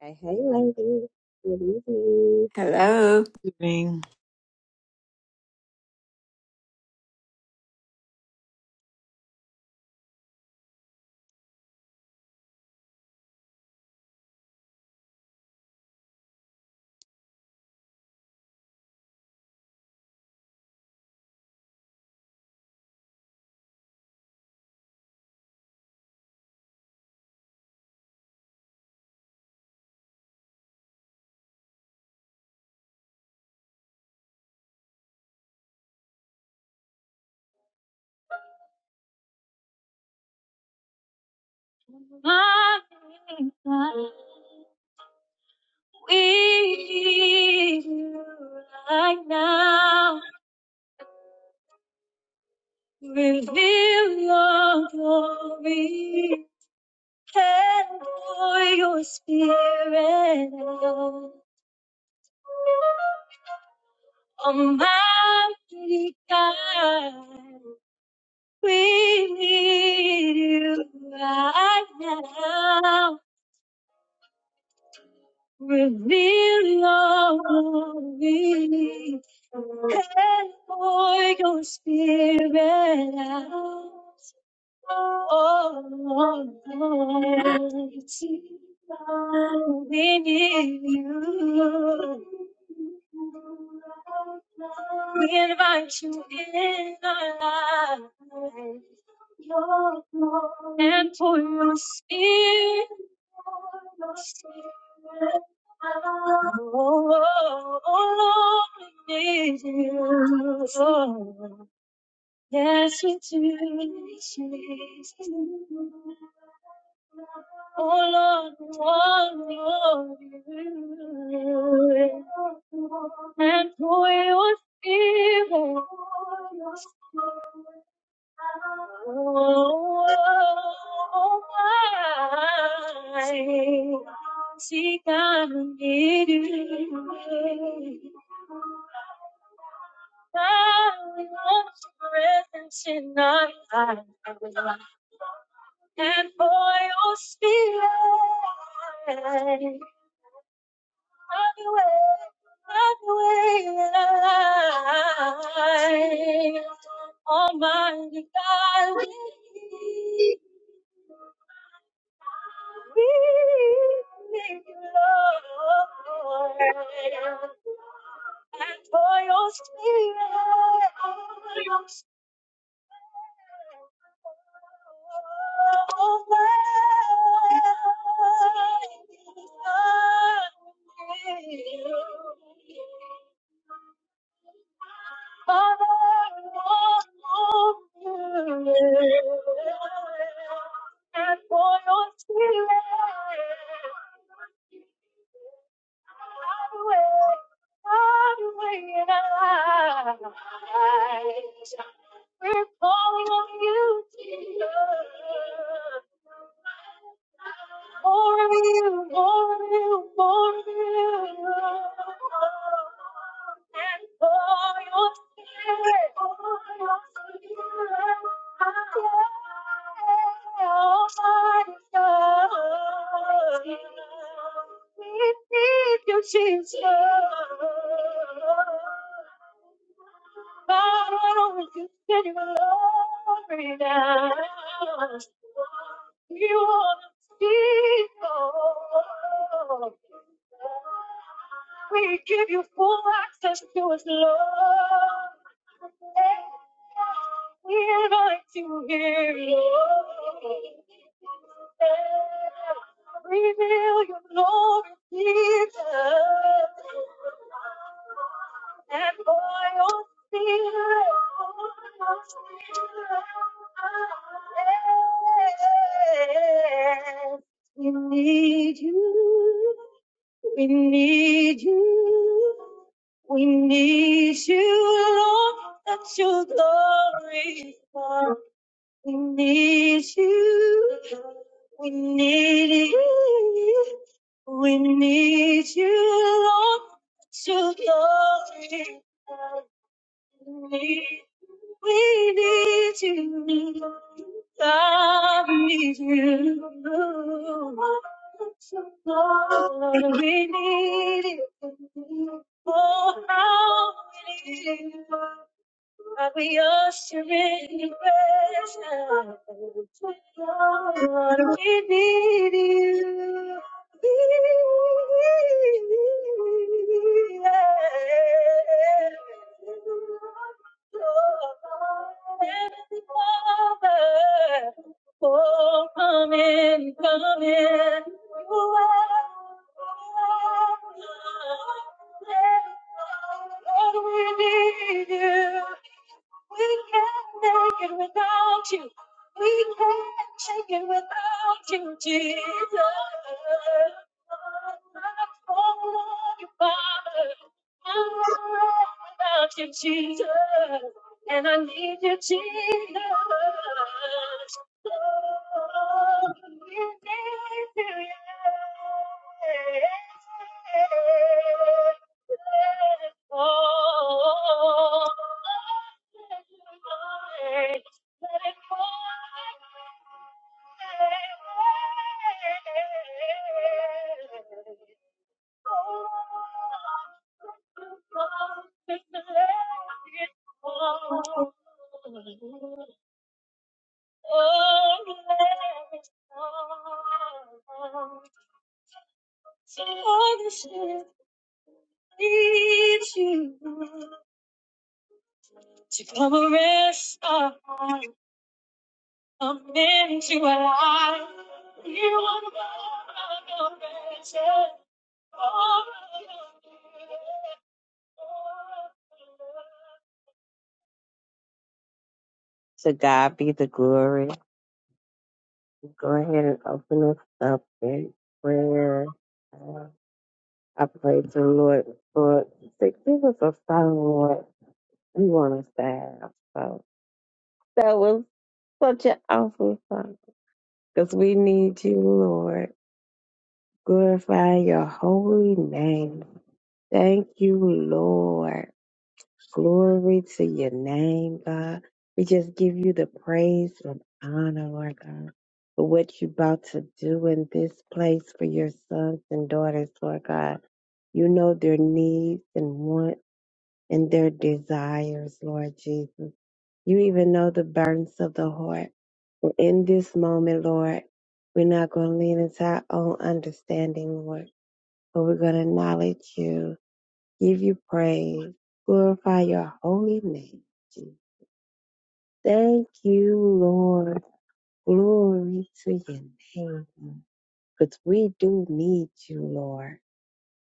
Hey, hey, lady. Good evening. Hello. evening. My God, We right now reveal your glory and pour your spirit out. Almighty God, we need you right now. Reveal your glory. And pour your spirit out. Oh, loving you. We invite you in our lives and for your spirit. Oh, oh, oh, Lord, we need you. Yes, we do. Jesus. Oh Lord, we want you. And for your spirit. Oh, why seek I need you? I want your presence in my life and for your spirit. Have your way, have your way in life. Almighty God, we we need you, Lord. And for your spirit, and for your spirit. We're calling on you, Jesus. More of you, more of you, more of you. And for your spirit, for your spirit. Jesus, Father, you said you glory now. You are the people. We give you full access to us, Lord. We're going to hear you. Reveal your glory, Jesus. And for your spirit, for your spirit, we need you. We need you. We need you, Lord, let your glory fall. We need you. We need you. We need you, Lord, let your glory fall. We need you. God, we need you. Lord, we need you. Oh, how we need you. Lord, we usher in your presence. Lord, we need you. Heavenly Father, oh, come in, come in. You are Lord, we need you. We can't make it without you. We can't take it without you, Jesus. I'm calling on you, Father. Oh, without you, Jesus. And I need you, Jesus. Oh, we need you, yeah. Oh, let it pour, let it pour. So the ship needs you to come and rest our heart, come into our life. You are the one of all of the rest, all of the To God be the glory. Go ahead and open us up in prayer. Uh, I pray to the Lord for to give us a song, Lord. We want to stand. So that was such an awful song because we need you, Lord. Glorify your holy name. Thank you, Lord. Glory to your name, God. We just give you the praise and honor, Lord God, for what you're about to do in this place for your sons and daughters, Lord God. You know their needs and wants and their desires, Lord Jesus. You even know the burdens of the heart. Well, In this moment, Lord, we're not going to lean into our own understanding, Lord, but we're going to acknowledge you, give you praise, glorify your holy name. Jesus. Thank you, Lord. Glory to your name. Because we do need you, Lord.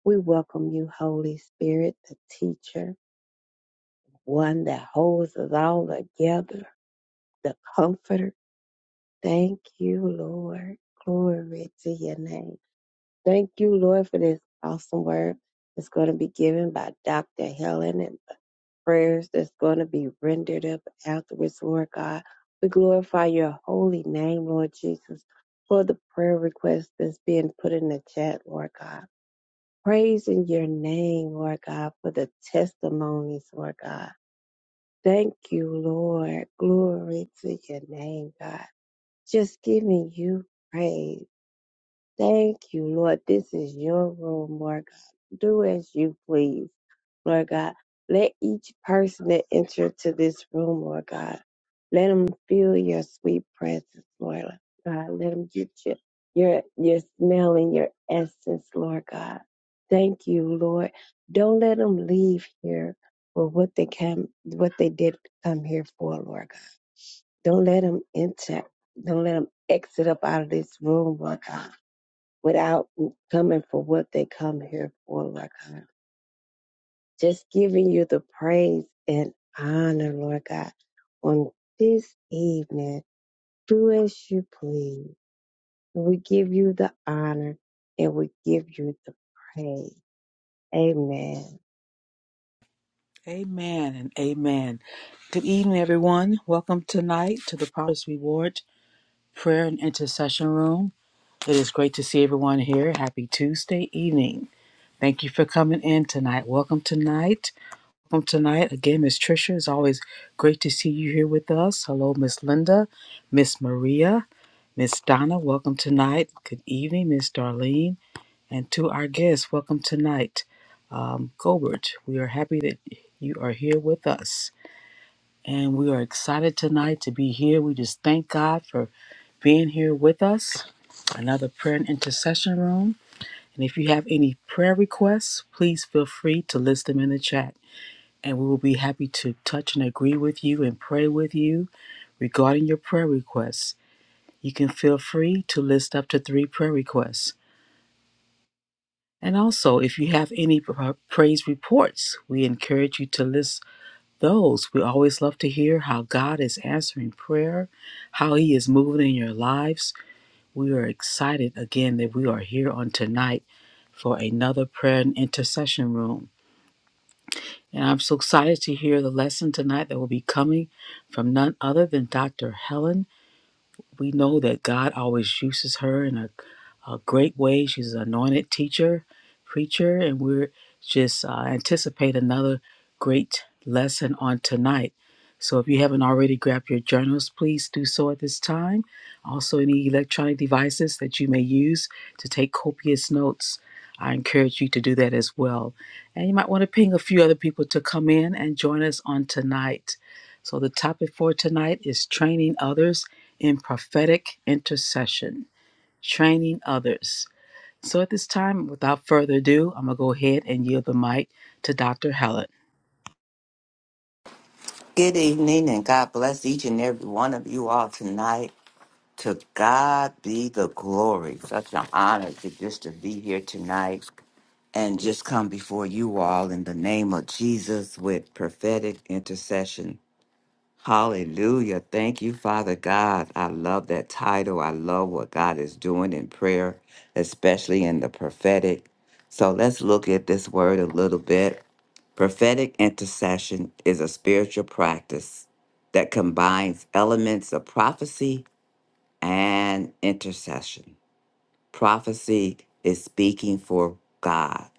We welcome you, Holy Spirit, the teacher, one that holds us all together, the comforter. Thank you, Lord. Glory to your name. Thank you, Lord, for this awesome word that's going to be given by Dr. Helen. and. prayers that's going to be rendered up afterwards, Lord God. We glorify your holy name, Lord Jesus, for the prayer request that's being put in the chat, Lord God. Praise in your name, Lord God, for the testimonies, Lord God. Thank you, Lord. Glory to your name, God. Just giving you praise. Thank you, Lord. This is your room, Lord God. Do as you please. Lord God. Let each person that entered to this room, Lord God, let them feel your sweet presence, Lord God. Let them get your, your, your smell and your essence, Lord God. Thank you, Lord. Don't let them leave here for what they came, what they did come here for, Lord God. Don't let them enter. Don't let them exit up out of this room, Lord God, without coming for what they come here for, Lord God just giving you the praise and honor, Lord God, on this evening. Do as you please. We give you the honor and we give you the praise. Amen. Amen and amen. Good evening, everyone. Welcome tonight to the Promise Reward Prayer and Intercession Room. It is great to see everyone here. Happy Tuesday evening. Thank you for coming in tonight. Welcome tonight. Welcome tonight. Again, Miss Trisha, it's always great to see you here with us. Hello, Miss Linda, Miss Maria, Miss Donna. Welcome tonight. Good evening, Miss Darlene. And to our guests, welcome tonight, um, Gobert. We are happy that you are here with us. And we are excited tonight to be here. We just thank God for being here with us. Another prayer and intercession room. And if you have any prayer requests, please feel free to list them in the chat. And we will be happy to touch and agree with you and pray with you regarding your prayer requests. You can feel free to list up to three prayer requests. And also, if you have any pra- praise reports, we encourage you to list those. We always love to hear how God is answering prayer, how He is moving in your lives. We are excited again that we are here on tonight for another prayer and intercession room. And I'm so excited to hear the lesson tonight that will be coming from none other than Dr. Helen we know that God always uses her in a, a great way. She's an anointed teacher, preacher, and we're just uh, anticipate another great lesson on tonight. So if you haven't already grabbed your journals, please do so at this time. Also, any electronic devices that you may use to take copious notes, I encourage you to do that as well. And you might want to ping a few other people to come in and join us on tonight. So the topic for tonight is training others in prophetic intercession, training others. So at this time, without further ado, I'm going to go ahead and yield the mic to Dr. Helen. Good evening, and God bless each and every one of you all tonight. To God be the glory. Such an honor to just to be here tonight and just come before you all in the name of Jesus with prophetic intercession Hallelujah. Thank you, Father God. I love that title. I love what God is doing in prayer, especially in the prophetic. So let's look at this word a little bit. Prophetic intercession is a spiritual practice that combines elements of prophecy and intercession. Prophecy is speaking for God,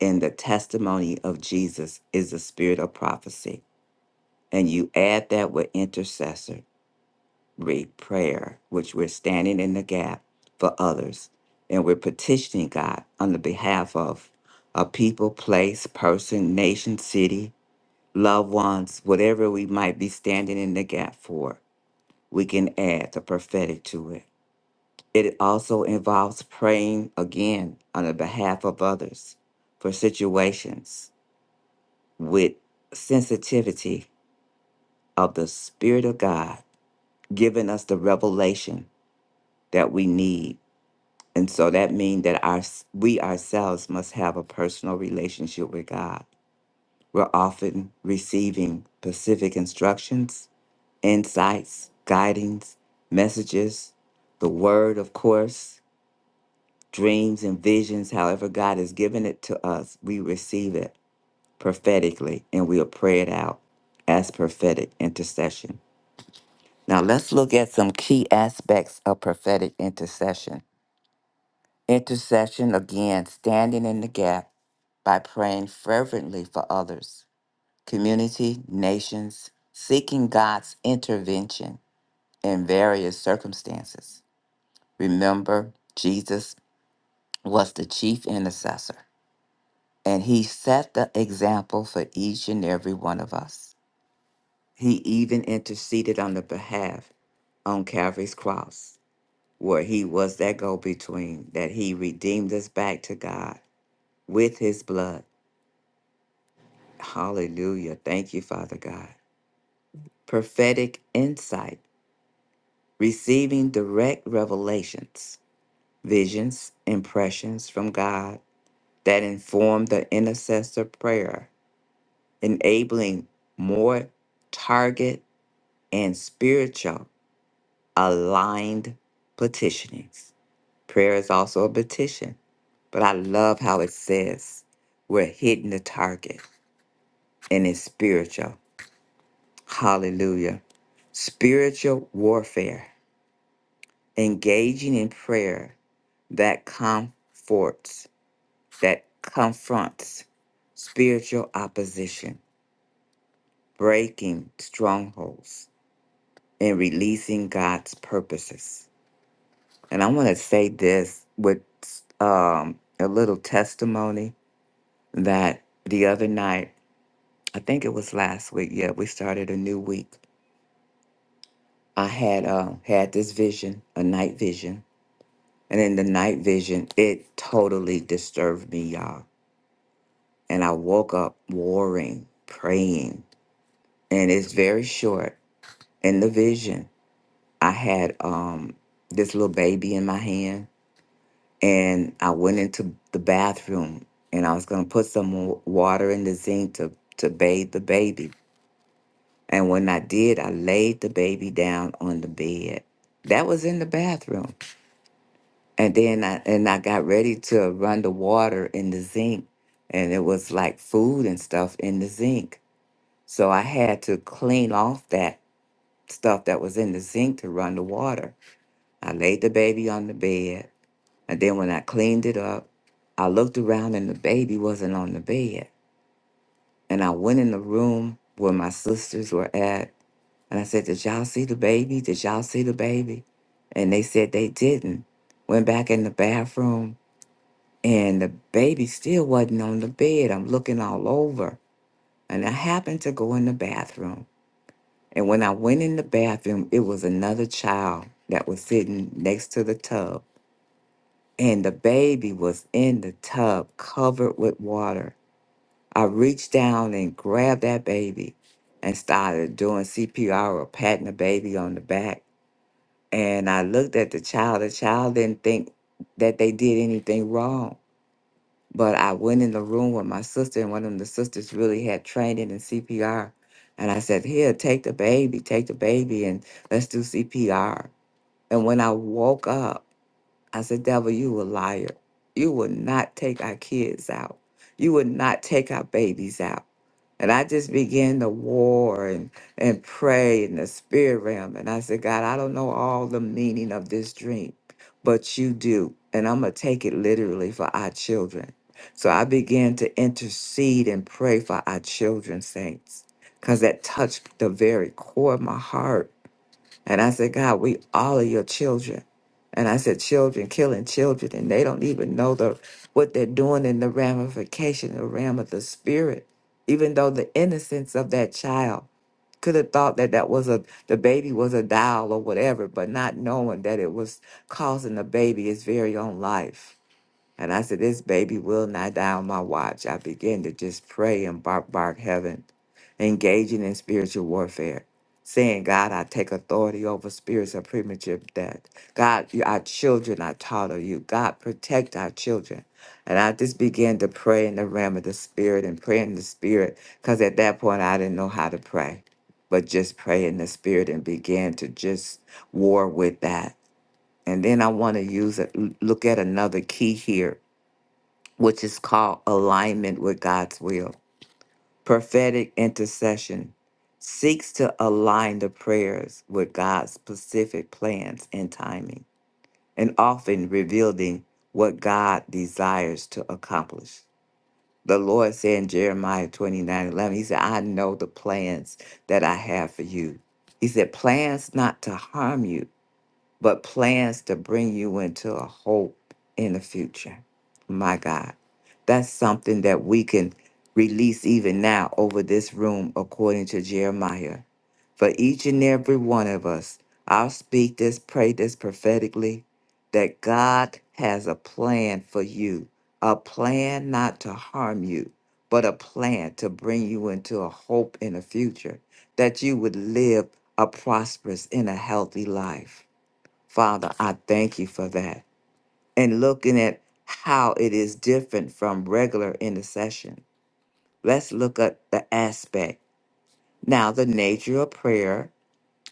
and the testimony of Jesus is the spirit of prophecy. And you add that with intercessor. read prayer, which we're standing in the gap for others. And we're petitioning God on the behalf of a people, place, person, nation, city, loved ones, whatever we might be standing in the gap for. We can add the prophetic to it. It also involves praying again on the behalf of others for situations with sensitivity of the Spirit of God, giving us the revelation that we need And so that means that our we ourselves must have a personal relationship with God. We're often receiving specific instructions, insights, guidings, messages, the word, of course, dreams and visions, however God has given it to us, we receive it prophetically and we'll pray it out as prophetic intercession. Now let's look at some key aspects of prophetic intercession. Intercession, again, standing in the gap by praying fervently for others, community, nations, seeking God's intervention in various circumstances. Remember, Jesus was the chief intercessor, and he set the example for each and every one of us. He even interceded on the behalf on Calvary's cross, where he was that go between, that he redeemed us back to God with his blood. Hallelujah. Thank you, Father God. prophetic insight, receiving direct revelations, visions, impressions from God that inform the intercessor prayer, enabling more target and spiritual aligned petitionings. Prayer is also a petition, but I love how it says we're hitting the target and it's spiritual. Hallelujah. Spiritual warfare, engaging in prayer that comforts, that confronts spiritual opposition, breaking strongholds, and releasing God's purposes. And I want to say this with um, a little testimony that the other night, I think it was last week. Yeah, we started a new week. I had uh, had this vision, a night vision, and in the night vision, it totally disturbed me, y'all And I woke up warring, praying. And it's very short. In the vision, I had um, this little baby in my hand. And I went into the bathroom and I was going to put some wa- water in the zinc to, to bathe the baby. And when I did, I laid the baby down on the bed. That was in the bathroom. And then I and I got ready to run the water in the zinc. And it was like food and stuff in the zinc. So I had to clean off that stuff that was in the sink to run the water. I laid the baby on the bed. And then when I cleaned it up, I looked around and the baby wasn't on the bed. And I went in the room where my sisters were at. And I said, Did y'all see the baby? Did y'all see the baby? And they said they didn't. Went back in the bathroom and the baby still wasn't on the bed. I'm looking all over. And I happened to go in the bathroom And when I went in the bathroom, it was another child that was sitting next to the tub. And the baby was in the tub covered with water. I reached down and grabbed that baby and started doing CPR or patting the baby on the back. And I looked at the child. The child didn't think that they did anything wrong. But I went in the room with my sister, and one of the sisters really had training in CPR. And I said, Here, take the baby, take the baby, and let's do CPR. And when I woke up, I said, Devil, you a liar. You would not take our kids out. You would not take our babies out. And I just began to war and, and pray in the spirit realm. And I said, God, I don't know all the meaning of this dream, but you do. And I'm going to take it literally for our children. So I began to intercede and pray for our children, saints, because that touched the very core of my heart and I said, God, we all are your children. And I said, children killing children, and they don't even know the what they're doing in the ramification, the realm of the spirit. Even though the innocence of that child could have thought that that was a the baby was a doll or whatever, but not knowing that it was causing the baby its very own life. And I said, This baby will not die on my watch. I began to just pray and bark, bark heaven, engaging in spiritual warfare, saying, God, I take authority over spirits of premature death. God, you- our children are taught of you. God, protect our children. And I just began to pray in the realm of the spirit and pray in the spirit, because at that point I didn't know how to pray, but just pray in the spirit and began to just war with that. And then I want to use it, look at another key here which is called alignment with God's will. Prophetic intercession seeks to align the prayers with God's specific plans and timing, and often revealing what God desires to accomplish. The Lord said in Jeremiah 29 11 He said, I know the plans that I have for you. He said, plans not to harm you, but plans to bring you into a hope in the future. My God, that's something that we can release even now over this room, according to Jeremiah. For each and every one of us, I'll speak this, pray this prophetically that God has a plan for you, a plan not to harm you, but a plan to bring you into a hope in the future, that you would live a prosperous and a healthy life. Father, I thank you for that. And looking at how it is different from regular intercession, let's look at the aspect. Now, the nature of prayer,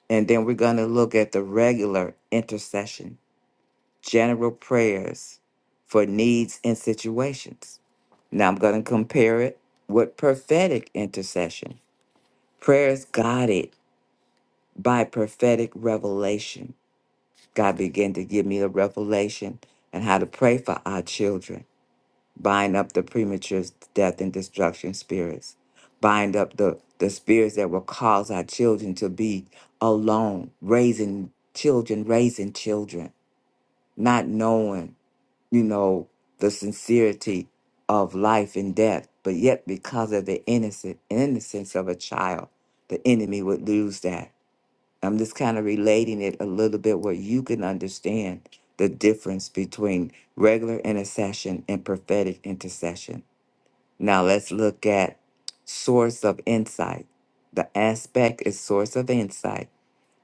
and then we're going to look at the regular intercession, general prayers for needs and situations. Now, I'm going to compare it with prophetic intercession. Prayers guided by prophetic revelation. God began to give me a revelation and how to pray for our children bind up the premature death and destruction spirits, bind up the, the spirits that will cause our children to be alone, raising children, raising children, not knowing, you know, the sincerity of life and death, but yet because of the innocent innocence of a child, the enemy would lose that. I'm just kind of relating it a little bit where you can understand the difference between regular intercession and prophetic intercession now let's look at source of insight. The aspect is source of insight.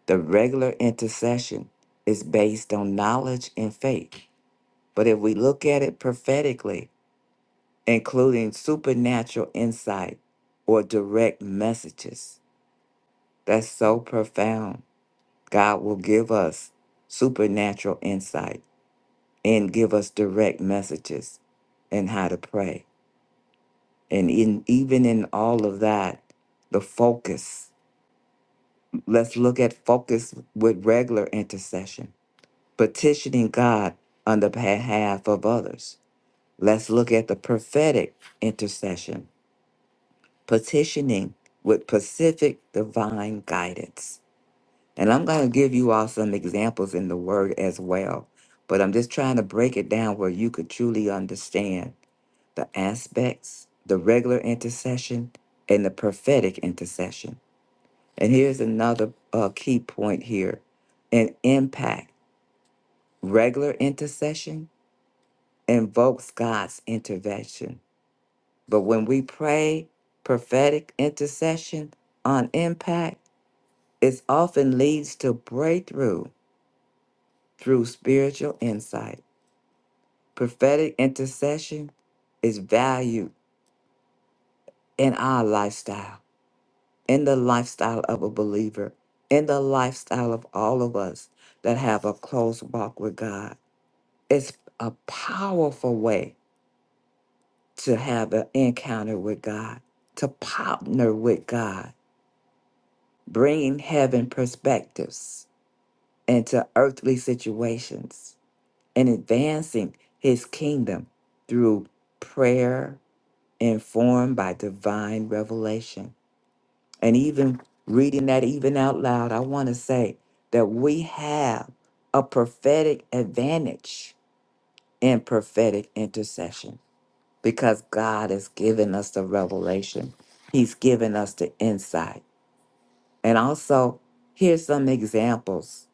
The regular intercession is based on knowledge and faith. But if we look at it prophetically, including supernatural insight or direct messages, that's so profound. God will give us supernatural insight and give us direct messages and how to pray. And in even in all of that, the focus. Let's look at focus with regular intercession, petitioning God on the behalf of others. Let's look at the prophetic intercession, petitioning with specific divine guidance. And I'm going to give you all some examples in the word as well, but I'm just trying to break it down where you could truly understand the aspects, the regular intercession, and the prophetic intercession. And here's another uh, key point here an impact. Regular intercession invokes God's intervention. But when we pray prophetic intercession on impact, it often leads to breakthrough through spiritual insight. Prophetic intercession is valued in our lifestyle in the lifestyle of a believer, in the lifestyle of all of us that have a close walk with God. It's a powerful way to have an encounter with God, to partner with God, bringing heaven perspectives into earthly situations and advancing his kingdom through prayer informed by divine revelation and even reading that even out loud, I want to say that we have a prophetic advantage in prophetic intercession because God has given us the revelation. He's given us the insight. And also, here's some examples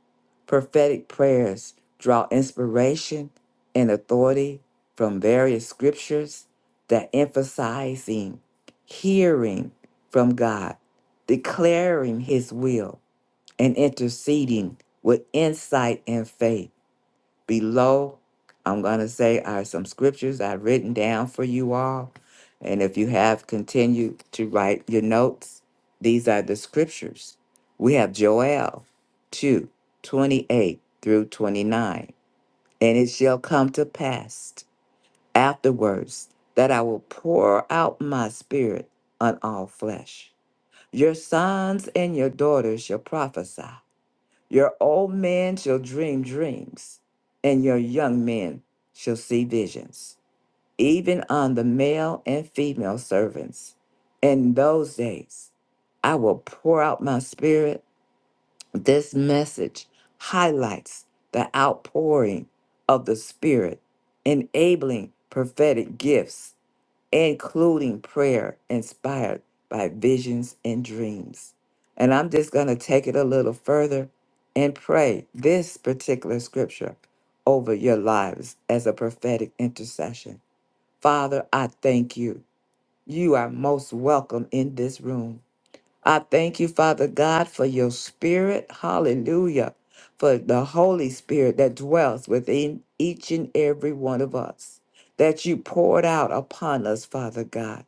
prophetic prayers draw inspiration and authority from various scriptures that emphasizing hearing from God, declaring his will, and interceding with insight and faith. Below, I'm going to say are some scriptures I've written down for you all. And if you have continued to write your notes, these are the scriptures. We have Joel 2 28 through 29. And it shall come to pass afterwards that I will pour out my spirit on all flesh. Your sons and your daughters shall prophesy. Your old man shall dream dreams, and your young men shall see visions, even on the male and female servants. In those days, I will pour out my spirit. This message highlights the outpouring of the spirit, enabling prophetic gifts including prayer inspired by visions and dreams. And I'm just going to take it a little further and pray this particular scripture over your lives as a prophetic intercession. Father, I thank you. You are most welcome in this room. I thank you, Father God, for your spirit. Hallelujah. For the Holy Spirit that dwells within each and every one of us, that you poured out upon us, Father God.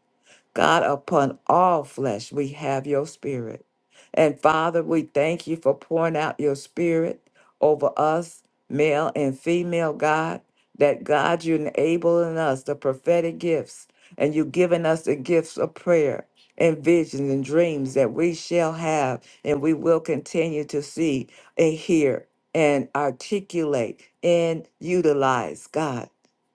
God, upon all flesh, we have your spirit. And Father, we thank you for pouring out your spirit over us, male and female, God, that God, you're enabling us the prophetic gifts, and you've given us the gifts of prayer and visions and dreams that we shall have and we will continue to see and hear and articulate and utilize, God,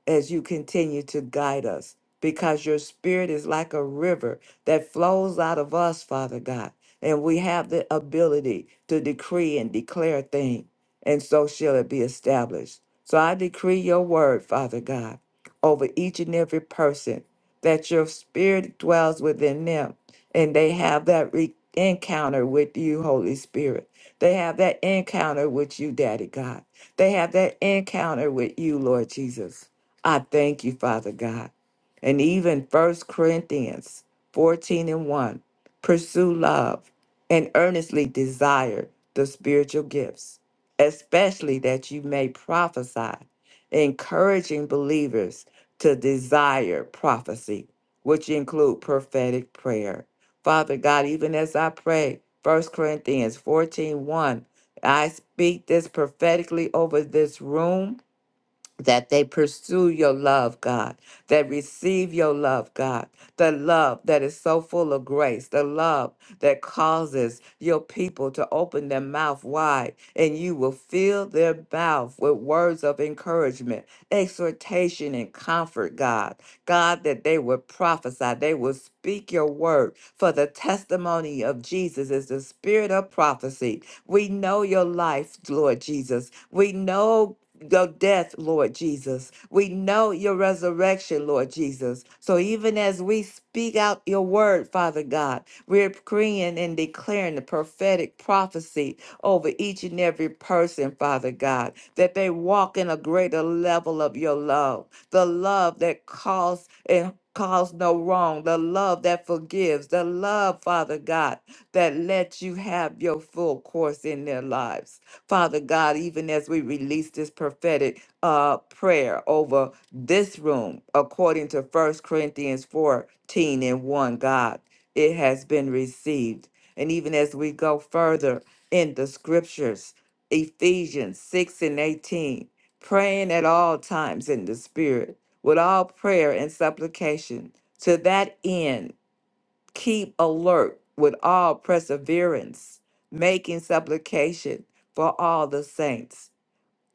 as you continue to guide us because your spirit is like a river that flows out of us, Father God. And we have the ability to decree and declare things, and so shall it be established. So I decree your word, Father God, over each and every person that your spirit dwells within them and they have that re- encounter with you, Holy Spirit. They have that encounter with you, Daddy God. They have that encounter with you, Lord Jesus. I thank you, Father God and even First Corinthians 14 and 1. Pursue love and earnestly desire the spiritual gifts, especially that you may prophesy, encouraging believers to desire prophecy, which include prophetic prayer. Father God, even as I pray, First Corinthians fourteen one, I speak this prophetically over this room that they pursue your love, God, that receive your love, God, the love that is so full of grace, the love that causes your people to open their mouth wide, and you will fill their mouth with words of encouragement, exhortation, and comfort, God. God, that they would prophesy, they will speak your word, for the testimony of Jesus is the spirit of prophecy. We know your life, Lord Jesus. We know your death, Lord Jesus. We know your resurrection, Lord Jesus. So even as we speak out your word, Father God, we're praying and declaring the prophetic prophecy over each and every person, Father God, that they walk in a greater level of your love, the love that calls. and cause no wrong, the love that forgives, the love, Father God, that lets you have your full course in their lives. Father God, even as we release this prophetic uh, prayer over this room, according to First Corinthians 14 and 1, God, it has been received. And even as we go further in the scriptures, Ephesians 6 and 18 praying at all times in the Spirit, with all prayer and supplication. To that end, keep alert with all perseverance, making supplication for all the saints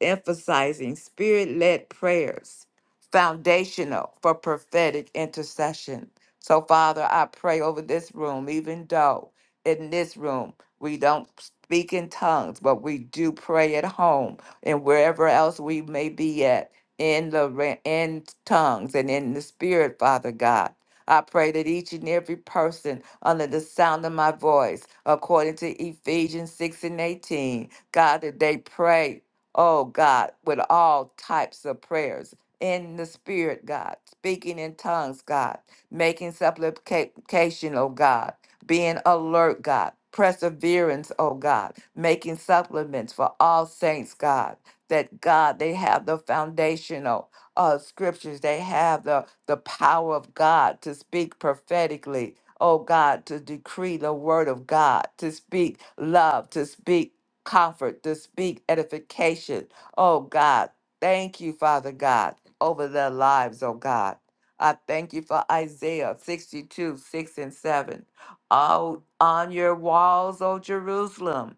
emphasizing spirit led prayers, foundational for prophetic intercession. So, Father, I pray over this room, even though in this room we don't speak in tongues, but we do pray at home and wherever else we may be at in the ra- in tongues and in the spirit, Father God. I pray that each and every person under the sound of my voice, according to Ephesians 6 and 18, God, that they pray oh God, with all types of prayers in the spirit, God, speaking in tongues, God, making supplication, oh God, being alert, God, perseverance, oh God, making supplements for all saints, God, that God, they have the foundational uh, scriptures, they have the, the power of God to speak prophetically. Oh God, to decree the word of God, to speak love, to speak comfort, to speak edification. Oh God, thank you, Father God, over their lives, oh God. I thank you for Isaiah 62, 6 and 7. Oh, on your walls, O Jerusalem,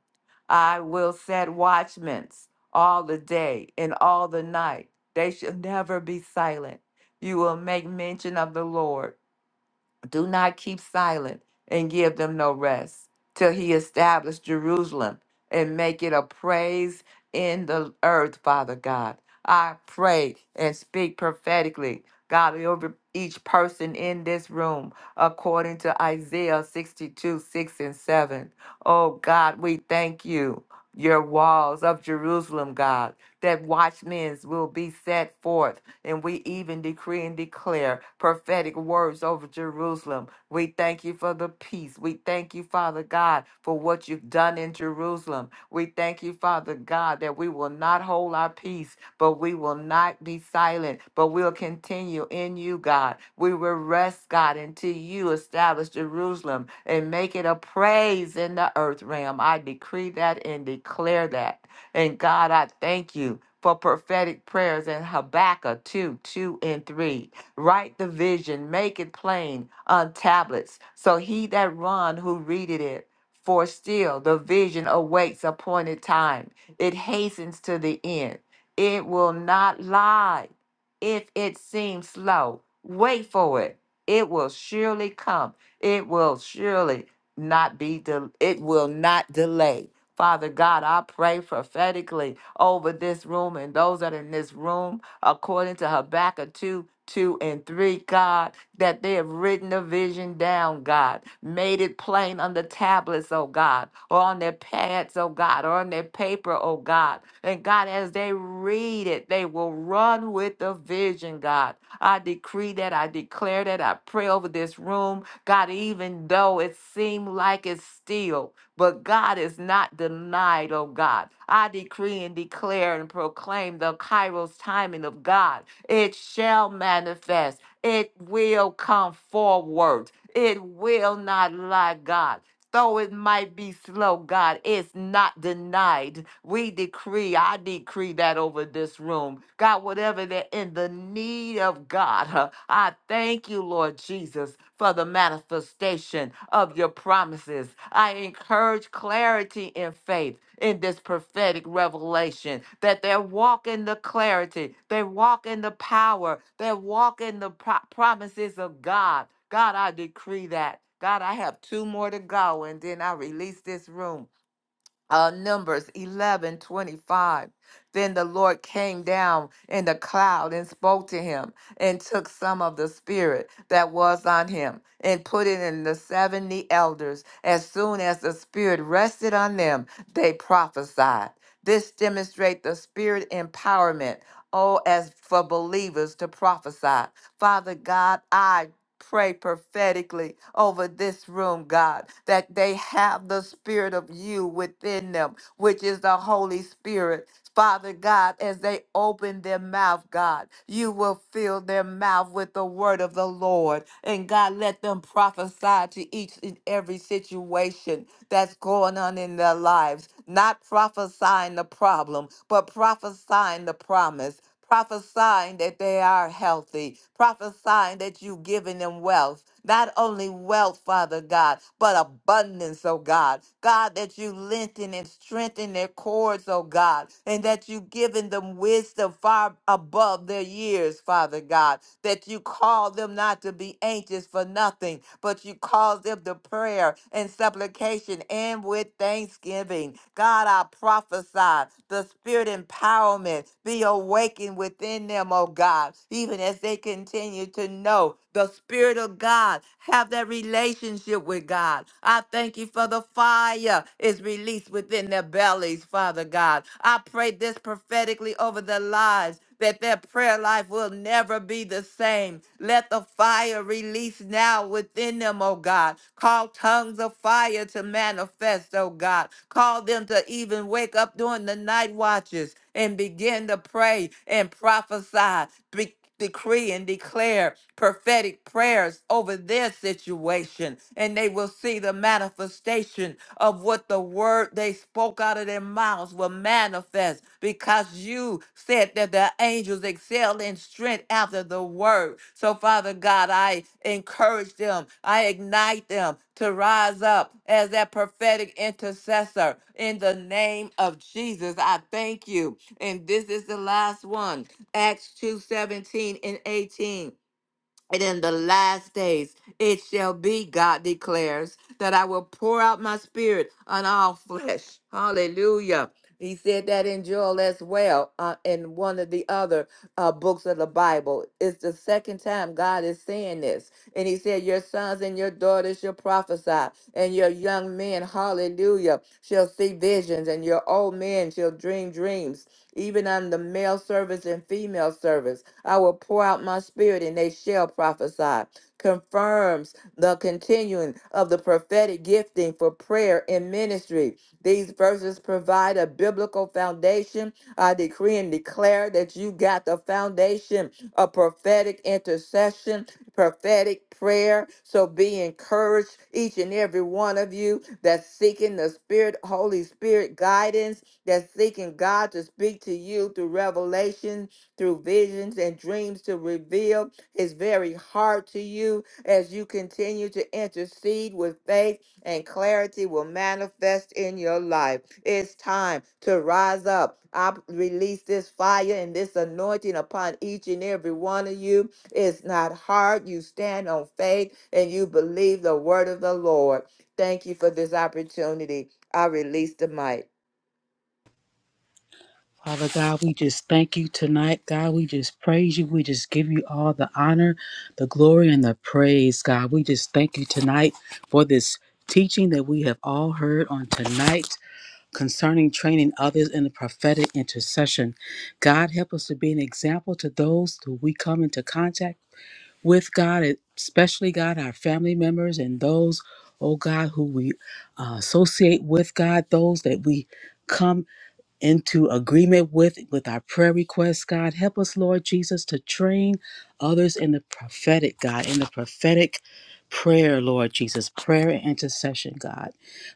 I will set watchmen all the day and all the night. They shall never be silent. You will make mention of the Lord do not keep silent and give them no rest till he establish Jerusalem and make it a praise in the earth, Father God. I pray and speak prophetically, God, over each person in this room, according to Isaiah 62 6 and 7. Oh, God, we thank you. Your walls of Jerusalem, God that watchmen will be set forth. And we even decree and declare prophetic words over Jerusalem. We thank you for the peace. We thank you, Father God, for what you've done in Jerusalem. We thank you, Father God, that we will not hold our peace, but we will not be silent, but we'll continue in you, God. We will rest, God, until you establish Jerusalem and make it a praise in the earth realm. I decree that and declare that. And God, I thank you for prophetic prayers in Habakkuk 2 2 and 3. Write the vision, make it plain on tablets, so he that run who readeth it. For still the vision awaits appointed time, it hastens to the end. It will not lie if it seems slow, wait for it. It will surely come. It will surely not be del it will not delay. Father God, I pray prophetically over this room and those that are in this room, according to Habakkuk 2, 2 and 3, God, that they have written the vision down, God, made it plain on the tablets, oh God, or on their pads, oh God, or on their paper, oh God. And God, as they read it, they will run with the vision, God. I decree that, I declare that, I pray over this room, God, even though it seemed like it's still, but God is not denied, oh God. I decree and declare and proclaim the Kairos timing of God. It shall manifest. It will come forward. It will not lie, God. Though it might be slow, God, it's not denied. We decree, I decree that over this room. God, whatever they're in the need of, God, huh, I thank you, Lord Jesus, for the manifestation of your promises. I encourage clarity in faith in this prophetic revelation that they walk in the clarity, they walk in the power, they walk in the pro- promises of God. God, I decree that. God, I have two more to go, and then I release this room. Uh, Numbers 11 25. Then the Lord came down in the cloud and spoke to him and took some of the spirit that was on him and put it in the 70 elders. As soon as the spirit rested on them, they prophesied. This demonstrates the spirit empowerment Oh, as for believers to prophesy. Father God, I pray prophetically over this room, God, that they have the spirit of you within them, which is the Holy Spirit. Father God, as they open their mouth, God, you will fill their mouth with the word of the Lord. And God, let them prophesy to each and every situation that's going on going on in their lives, not prophesying the problem, but prophesying the promise. Prophesying that they are healthy, prophesying that you've given them wealth, not only wealth, Father God, but abundance, oh God. God, that you lengthen and strengthen their cords, oh God, and that you've given them wisdom far above their years, Father God, that you call them not to to be anxious for nothing, but you cause them to prayer and supplication and with thanksgiving. God, I prophesy the spirit empowerment be awakened within them, oh God, even as they continue to know the spirit of God, have that relationship with God. I thank you for the fire is released within their bellies, Father God. I pray this prophetically over their lives that their prayer life will never be the same. Let the fire release now within them, oh God. Call tongues of fire to manifest, oh God. Call them to even wake up during the night watches and begin to pray and prophesy. Be- decree and declare prophetic prayers over their situation, and they will see the manifestation of what the word they spoke out of their mouths will manifest because you said that the angels excel in strength after the your word. So, Father God, I encourage them, I ignite them to rise up as that prophetic intercessor in the name of Jesus. I thank you. And this is the last one Acts two seventeen and 18. And in the last days it shall be, God declares, that I will pour out my spirit on all flesh. Hallelujah. He said that in Joel as well, uh, in one of the other uh, books of the Bible. It's the second time God is saying this. And he said, Your sons and your daughters shall prophesy, and your young men, hallelujah, shall see visions, and your old men shall dream dreams, even on the male servants and female servants." I will pour out my spirit and they shall prophesy. Confirms the continuing of the prophetic gifting for prayer and ministry. These verses provide a biblical foundation. I decree and declare that you got the foundation of prophetic intercession, prophetic prayer. So be encouraged, each and every one of you that's seeking the Spirit, Holy Spirit guidance, that's seeking God to speak to you through revelation through visions and dreams to reveal his very heart to you as you continue to intercede with faith and clarity will manifest in your life. It's time to rise up. I release this fire and this anointing upon each and every one of you. It's not hard. You stand on faith and you believe the word of the Lord. Thank you for this opportunity. I release the mic. Father God, we just thank you tonight. God, we just praise you. We just give you all the honor, the glory, and the praise, God. We just thank you tonight for this teaching that we have all heard on tonight concerning training others in the prophetic intercession. God, help us to be an example to those who we come into contact with God, especially God, our family members and those, oh God, who we uh, associate with God, those that we come into agreement with with our prayer requests god help us lord jesus to train others in the prophetic god in the prophetic prayer lord jesus prayer and intercession god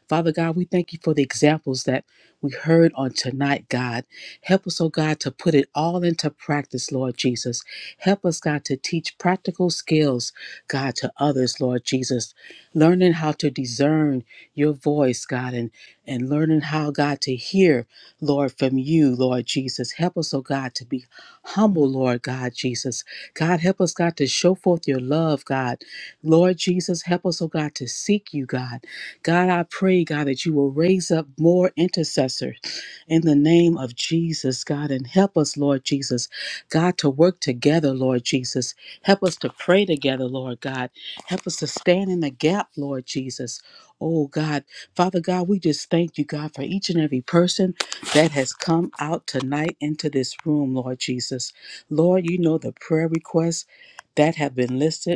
father god we thank you for the examples that we heard on tonight god help us oh god to put it all into practice lord jesus help us god to teach practical skills god to others lord jesus learning how to discern your voice god and and learning how god to hear Lord, from you, Lord Jesus. Help us, oh God, to be humble, Lord God Jesus. God, help us, God, to show forth your love, God. Lord Jesus, help us, oh God, to seek you, God. God, I pray, God, that you will raise up more intercessors in the name of Jesus, God. And help us, Lord Jesus, God, to work together, Lord Jesus. Help us to pray together, Lord God. Help us to stand in the gap, Lord Jesus. Oh, God. Father God, we just thank you, God, for each and every person that has come out tonight into this room, Lord Jesus. Lord, you know the prayer requests that have been listed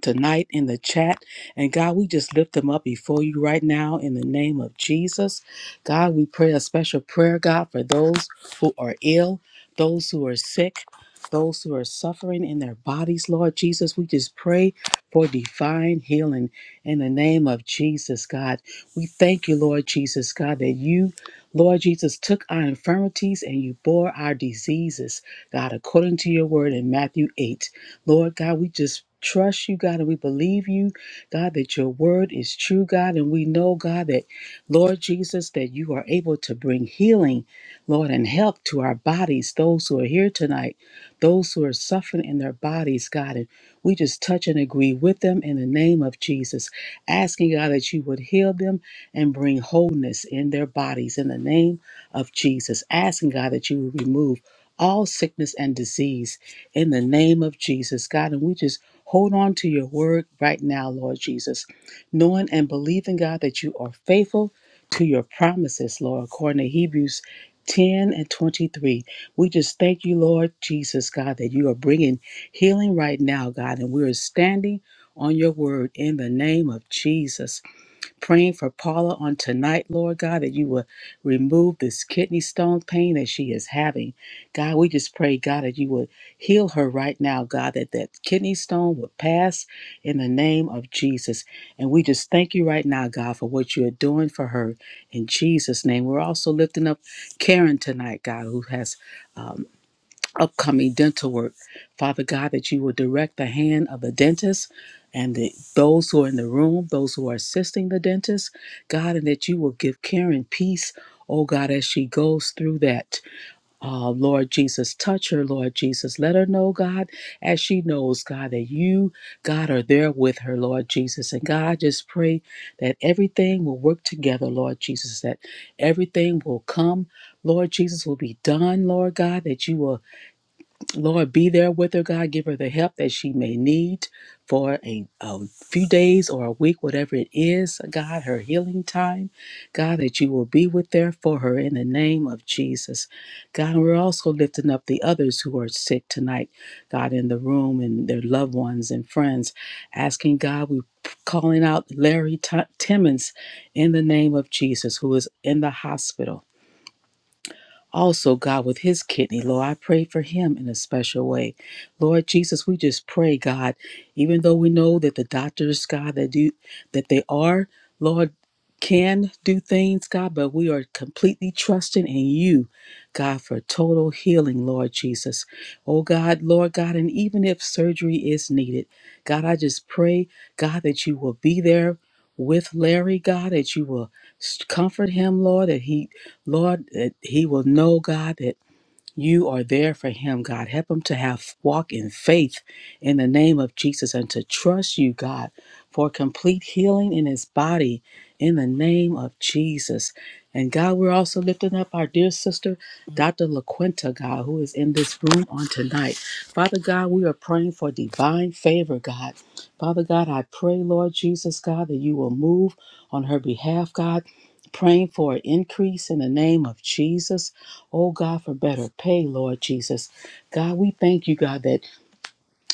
tonight in the chat. And God, we just lift them up before you right now in the name of Jesus. God, we pray a special prayer, God, for those who are ill, those who are sick, those who are suffering in their bodies, Lord Jesus. We just pray for divine healing in the name of Jesus, God. We thank you, Lord Jesus, God, that you. Lord Jesus took our infirmities and you bore our diseases, God, according to your word in Matthew 8. Lord God, we just trust you, God, and we believe you, God, that your word is true, God, and we know, God, that, Lord Jesus, that you are able to bring healing, Lord, and help to our bodies, those who are here tonight, those who are suffering in their bodies, God, and we just touch and agree with them in the name of Jesus, asking, God, that you would heal them and bring wholeness in their bodies in the name of Jesus, asking, God, that you would remove all sickness and disease in the name of Jesus, God. And we just hold on to your word right now, Lord Jesus, knowing and believing, God, that you are faithful to your promises, Lord, according to Hebrews 10 and 23. We just thank you, Lord Jesus, God, that you are bringing healing right now, God, and we are standing on your word in the name of Jesus. Praying for Paula on tonight, Lord God, that you will remove this kidney stone pain that she is having. God, we just pray, God, that you would heal her right now, God, that that kidney stone would pass in the name of Jesus. And we just thank you right now, God, for what you are doing for her in Jesus' name. We're also lifting up Karen tonight, God, who has. um, upcoming dental work. Father God, that you will direct the hand of the dentist and the, those who are in the room, those who are assisting the dentist, God, and that you will give Karen peace. Oh God, as she goes through that, uh, Lord Jesus, touch her, Lord Jesus. Let her know, God, as she knows, God, that you, God, are there with her, Lord Jesus. And God, I just pray that everything will work together, Lord Jesus, that everything will come, Lord Jesus, will be done, Lord God, that you will Lord, be there with her, God. Give her the help that she may need for a, a few days or a week, whatever it is, God, her healing time. God, that you will be with there for her in the name of Jesus. God, and we're also lifting up the others who are sick tonight, God, in the room and their loved ones and friends, asking God, we calling out Larry T- Timmons in the name of Jesus, who is in the hospital also God with his kidney. Lord, I pray for him in a special way. Lord Jesus, we just pray, God, even though we know that the doctors, God, that do that they are, Lord, can do things, God, but we are completely trusting in you, God, for total healing, Lord Jesus. Oh God, Lord God, and even if surgery is needed, God, I just pray, God, that you will be there with Larry, God, that you will s- comfort him, Lord, that he Lord, that he will know, God, that you are there for him, God. Help him to have walk in faith in the name of Jesus and to trust you, God, for complete healing in his body in the name of Jesus. And God, we're also lifting up our dear sister, Dr. LaQuinta, God, who is in this room on tonight. Father God, we are praying for divine favor, God. Father God, I pray, Lord Jesus, God, that you will move on her behalf, God. Praying for an increase in the name of Jesus. Oh God, for better pay, Lord Jesus. God, we thank you, God, that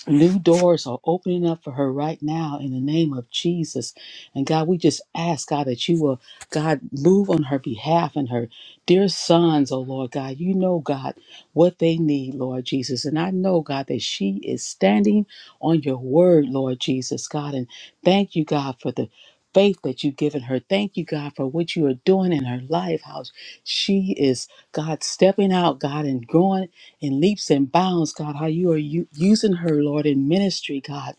New doors are opening up for her right now in the name of Jesus. And God, we just ask, God, that you will, God, move on her behalf and her dear sons, oh Lord God. You know, God, what they need, Lord Jesus. And I know, God, that she is standing on your word, Lord Jesus, God. And thank you, God, for the faith that you've given her. Thank you, God, for what you are doing in her life, how she is, God, stepping out, God, and growing in leaps and bounds, God, how you are u- using her, Lord, in ministry, God,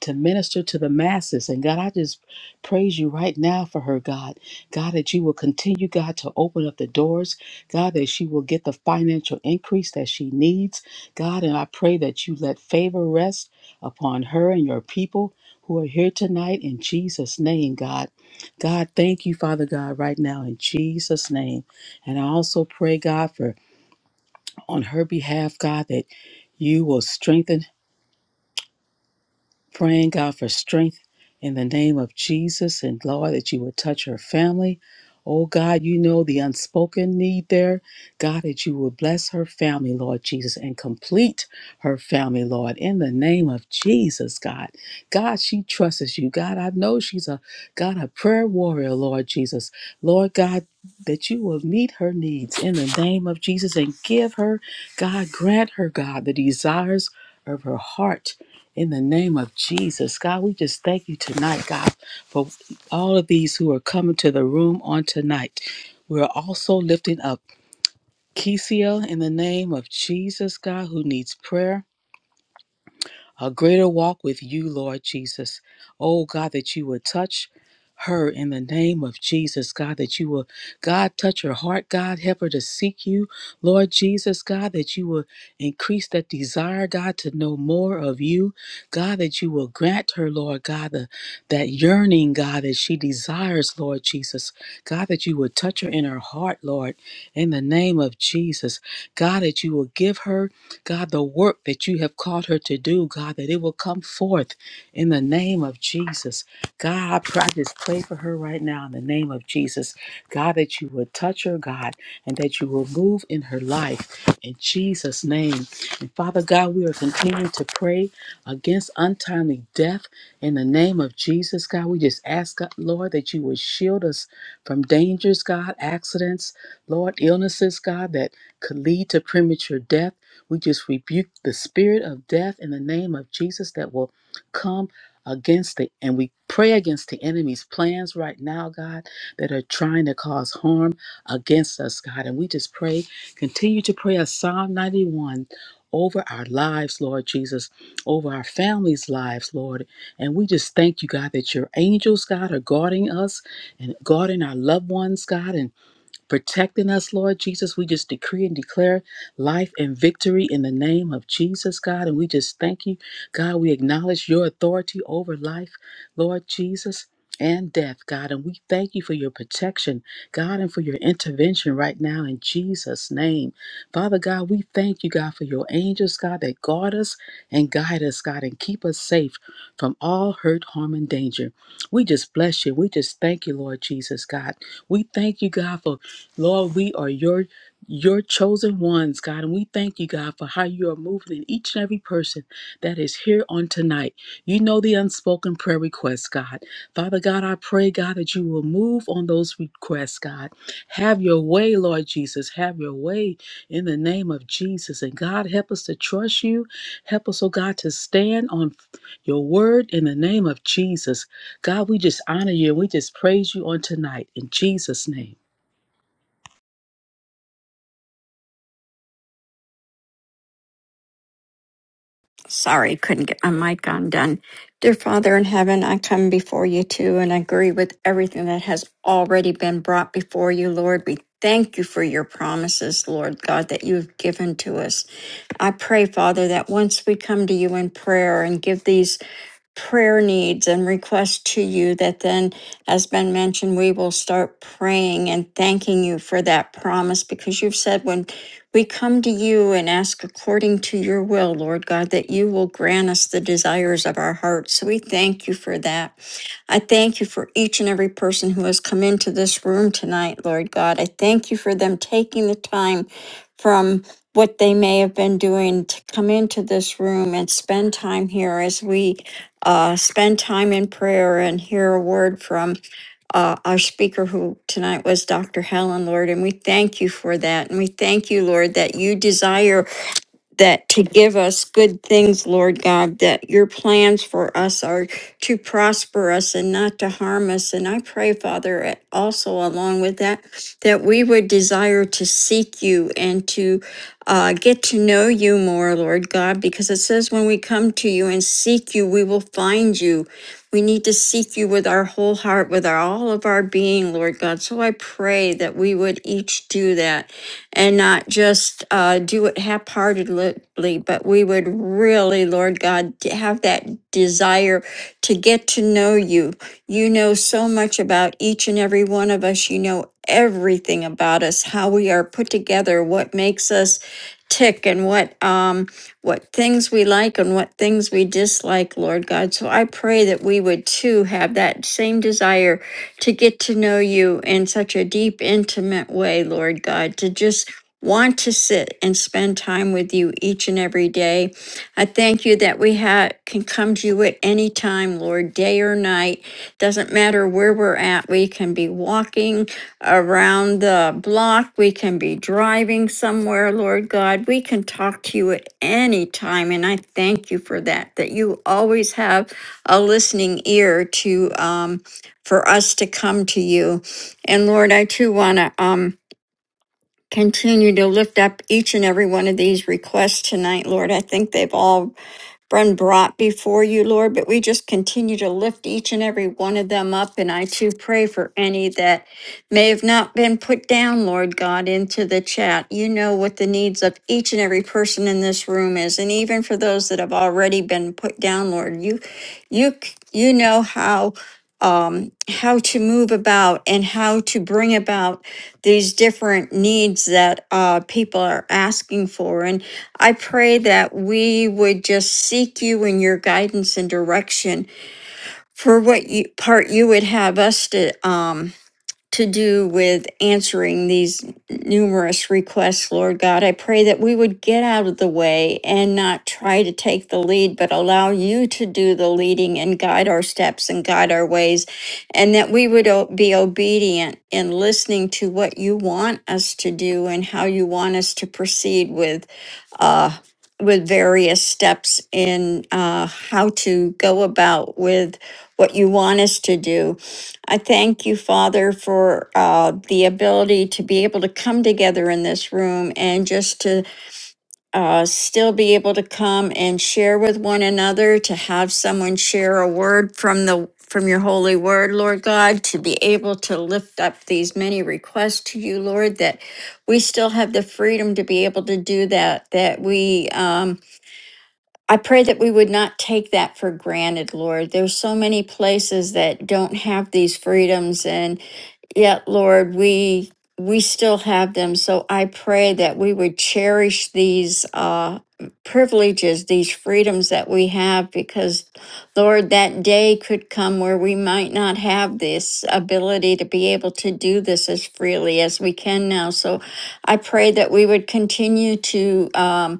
to minister to the masses. And God, I just praise you right now for her, God. God, that you will continue, God, to open up the doors. God, that she will get the financial increase that she needs. God, and I pray that you let favor rest upon her and your people who are here tonight in Jesus' name, God. God, thank you, Father God, right now in Jesus' name. And I also pray, God, for on her behalf, God, that you will strengthen praying God for strength in the name of Jesus and Lord that you would touch her family. Oh God, you know the unspoken need there. God, that you would bless her family, Lord Jesus, and complete her family, Lord, in the name of Jesus, God. God, she trusts you. God, I know she's a God, a prayer warrior, Lord Jesus. Lord God, that you will meet her needs in the name of Jesus and give her, God, grant her, God, the desires of her heart in the name of Jesus, God, we just thank you tonight, God, for all of these who are coming to the room on tonight. We're also lifting up Kesia in the name of Jesus, God, who needs prayer a greater walk with you, Lord Jesus. Oh, God, that you would touch her in the name of Jesus, God, that you will, God, touch her heart, God, help her to seek you, Lord Jesus, God, that you will increase that desire, God, to know more of you, God, that you will grant her, Lord God, the, that yearning, God, that she desires, Lord Jesus, God, that you will touch her in her heart, Lord, in the name of Jesus, God, that you will give her. God, the work that you have called her to do, God, that it will come forth in the name of Jesus. God, I pray- I just pray for her right now in the name of Jesus. God, that you would touch her, God, and that you will move in her life in Jesus' name. And Father God, we are continuing to pray against untimely death in the name of Jesus, God. We just ask, God, Lord, that you would shield us from dangers, God, accidents, Lord, illnesses, God, that could lead to premature death. We just rebuke the spirit of death in the name of Jesus that will come against it, and we pray against the enemy's plans right now, God, that are trying to cause harm against us, God. And we just pray, continue to pray a Psalm 91 over our lives, Lord Jesus, over our families' lives, Lord. And we just thank you, God, that your angels, God, are guarding us and guarding our loved ones, God. And protecting us, Lord Jesus. We just decree and declare life and victory in the name of Jesus, God. And we just thank you, God. We acknowledge your authority over life, Lord Jesus. And death, God. And we thank you for your protection, God, and for your intervention right now in Jesus' name. Father God, we thank you, God, for your angels, God, that guard us and guide us, God, and keep us safe from all hurt, harm, and danger. We just bless you. We just thank you, Lord Jesus, God. We thank you, God, for Lord, we are your your chosen ones, God, and we thank you, God, for how you are moving in each and every person that is here on tonight. You know the unspoken prayer requests, God. Father God, I pray, God, that you will move on those requests, God. Have your way, Lord Jesus. Have your way in the name of Jesus. And God, help us to trust you. Help us, oh God, to stand on your word in the name of Jesus. God, we just honor you and we just praise you on tonight. In Jesus' name. Sorry, couldn't get my mic on done. Dear Father in heaven, I come before you too and agree with everything that has already been brought before you, Lord. We thank you for your promises, Lord God, that you've given to us. I pray, Father, that once we come to you in prayer and give these prayer needs and requests to you that then has been mentioned we will start praying and thanking you for that promise because you've said when we come to you and ask according to your will lord god that you will grant us the desires of our hearts so we thank you for that i thank you for each and every person who has come into this room tonight lord god i thank you for them taking the time from what they may have been doing to come into this room and spend time here as we uh, spend time in prayer and hear a word from uh, our speaker who tonight was Dr. Helen, Lord. And we thank you for that. And we thank you, Lord, that you desire that to give us good things, Lord God, that your plans for us are to prosper us and not to harm us. And I pray, Father, a- also along with that, that we would desire to seek you and to uh, get to know you more, Lord God, because it says when we come to you and seek you, we will find you. We need to seek you with our whole heart, with our, all of our being, Lord God. So I pray that we would each do that and not just uh, do it half-heartedly, but we would really, Lord God, d- have that desire to get to know you. You know so much about each and every one of us. You know everything about us, how we are put together, what makes us tick, and what. Um, what things we like and what things we dislike, Lord God. So I pray that we would too have that same desire to get to know you in such a deep, intimate way, Lord God, to just want to sit and spend time with you each and every day. I thank you that we ha- can come to you at any time, Lord, day or night doesn't matter where we're at, we can be walking around the block, we can be driving somewhere, Lord God. We can talk to you at any time. And I thank you for that, that you always have a listening ear to um, for us to come to you. And Lord, I too want to um, continue to lift up each and every one of these requests tonight, Lord. I think they've all been brought before you, Lord, but we just continue to lift each and every one of them up. And I too pray for any that may have not been put down, Lord God, into the chat. You know what the needs of each and every person in this room is. And even for those that have already been put down, Lord, you you you know how um how to move about and how to bring about these different needs that uh people are asking for. And I pray that we would just seek you in your guidance and direction for what you, part you would have us to um, to do with answering these numerous requests, Lord God. I pray that we would get out of the way and not try to take the lead, but allow you to do the leading and guide our steps and guide our ways, and that we would o- be obedient in listening to what you want us to do and how you want us to proceed with. Uh, with various steps in uh, how to go about with what you want us to do I thank you, Father, for uh, the ability to be able to come together in this room and just to uh, still be able to come and share with one another, to have someone share a word from the from your holy word, Lord God, to be able to lift up these many requests to you, Lord, that we still have the freedom to be able to do that, that we um, I pray that we would not take that for granted, Lord. There's so many places that don't have these freedoms, and yet lord we we still have them so i pray that we would cherish these uh privileges these freedoms that we have because lord that day could come where we might not have this ability to be able to do this as freely as we can now so i pray that we would continue to um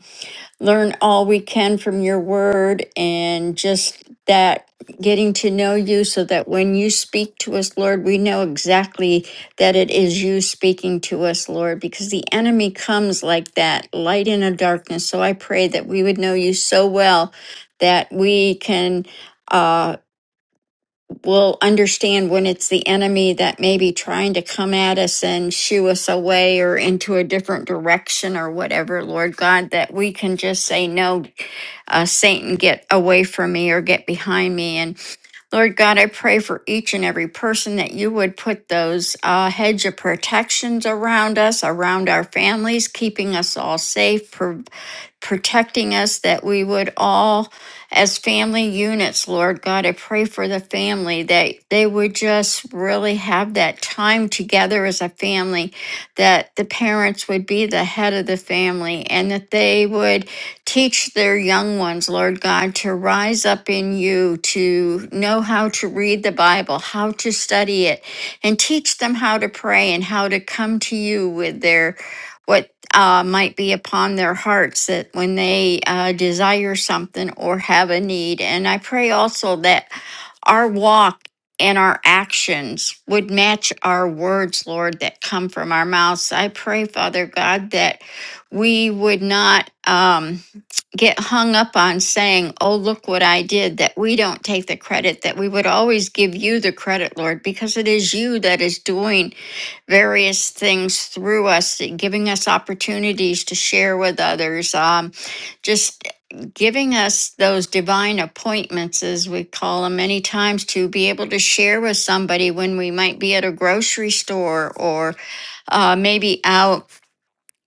learn all we can from your word and just that getting to know you so that when you speak to us, Lord, we know exactly that it is you speaking to us, Lord, because the enemy comes like that, light in a darkness. So I pray that we would know you so well that we can. uh, we'll understand when it's the enemy that may be trying to come at us and shoo us away or into a different direction or whatever, Lord God, that we can just say, No, uh, Satan, get away from me or get behind me. and. Lord God, I pray for each and every person that you would put those uh, hedge of protections around us, around our families, keeping us all safe, pro- protecting us, that we would all, as family units, Lord God, I pray for the family that they would just really have that time together as a family, that the parents would be the head of the family, and that they would Teach their young ones, Lord God, to rise up in you, to know how to read the Bible, how to study it, and teach them how to pray and how to come to you with their what uh, might be upon their hearts that when they uh, desire something or have a need. And I pray also that our walk and our actions would match our words, Lord, that come from our mouths. I pray, Father God, that we would not. Um, get hung up on saying, oh, look what I did, that we don't take the credit, that we would always give you the credit, Lord, because it is you that is doing various things through us, giving us opportunities to share with others, um, just giving us those divine appointments, as we call them many times, to be able to share with somebody when we might be at a grocery store or uh, maybe out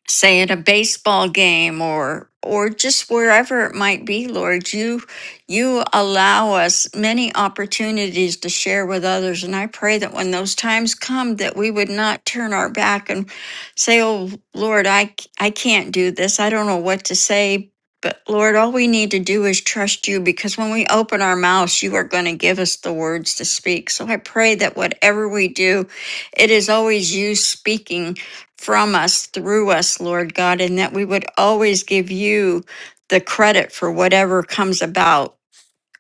say at a baseball game or or just wherever it might be lord you you allow us many opportunities to share with others and i pray that when those times come that we would not turn our back and say oh lord i c- i can't do this i don't know what to say but lord all we need to do is trust you because when we open our mouths you are going to give us the words to speak so i pray that whatever we do it is always you speaking from us, through us, Lord God, and that we would always give you the credit for whatever comes about.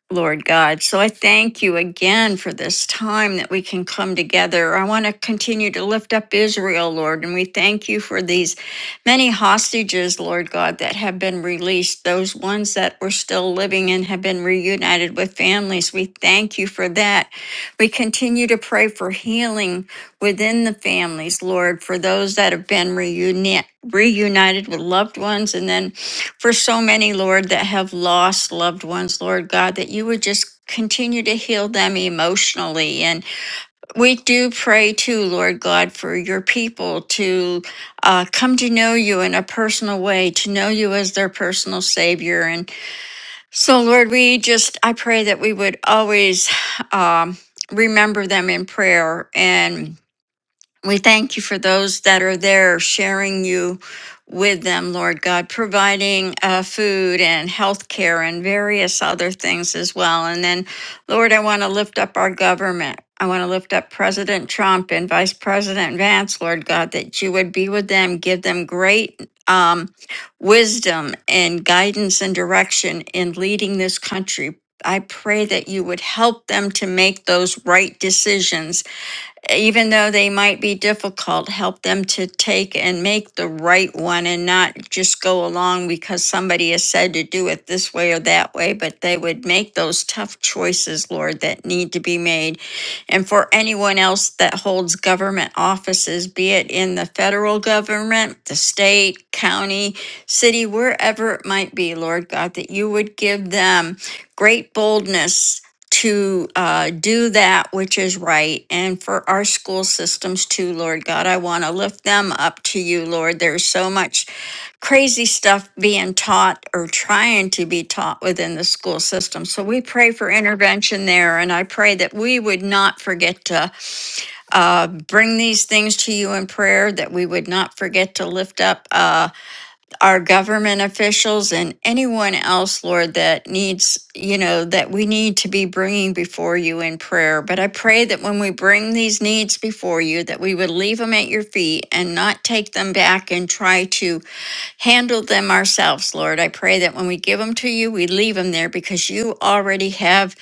Lord God. So I thank you again for this time that we can come together. I want to continue to lift up Israel, Lord, and we thank you for these many hostages, Lord God, that have been released, those ones that were still living and have been reunited with families. We thank you for that. We continue to pray for healing within the families, Lord, for those that have been reuni- reunited with loved ones and then for so many, Lord, that have lost loved ones, Lord God, that you would just continue to heal them emotionally. And we do pray too, Lord God, for your people to uh, come to know you in a personal way, to know you as their personal Savior. And so, Lord, we just, I pray that we would always um, remember them in prayer and we thank you for those that are there sharing you with them, Lord God, providing uh, food and health care and various other things as well. And then, Lord, I want to lift up our government. I want to lift up President Trump and Vice President Vance, Lord God, that you would be with them, give them great um, wisdom and guidance and direction in leading this country. I pray that you would help them to make those right decisions even though they might be difficult, help them to take and make the right one and not just go along because somebody has said to do it this way or that way, but they would make those tough choices, Lord, that need to be made. And for anyone else that holds government offices, be it in the federal government, the state, county, city, wherever it might be, Lord God, that you would give them great boldness to uh, do that which is right and for our school systems too, Lord God. I want to lift them up to you, Lord. There's so much crazy stuff being taught or trying to be taught within the school system. So we pray for intervention there. And I pray that we would not forget to uh, bring these things to you in prayer, that we would not forget to lift up. Uh, our government officials and anyone else, Lord, that needs, you know, that we need to be bringing before you in prayer. But I pray that when we bring these needs before you, that we would leave them at your feet and not take them back and try to handle them ourselves, Lord. I pray that when we give them to you, we leave them there because you already have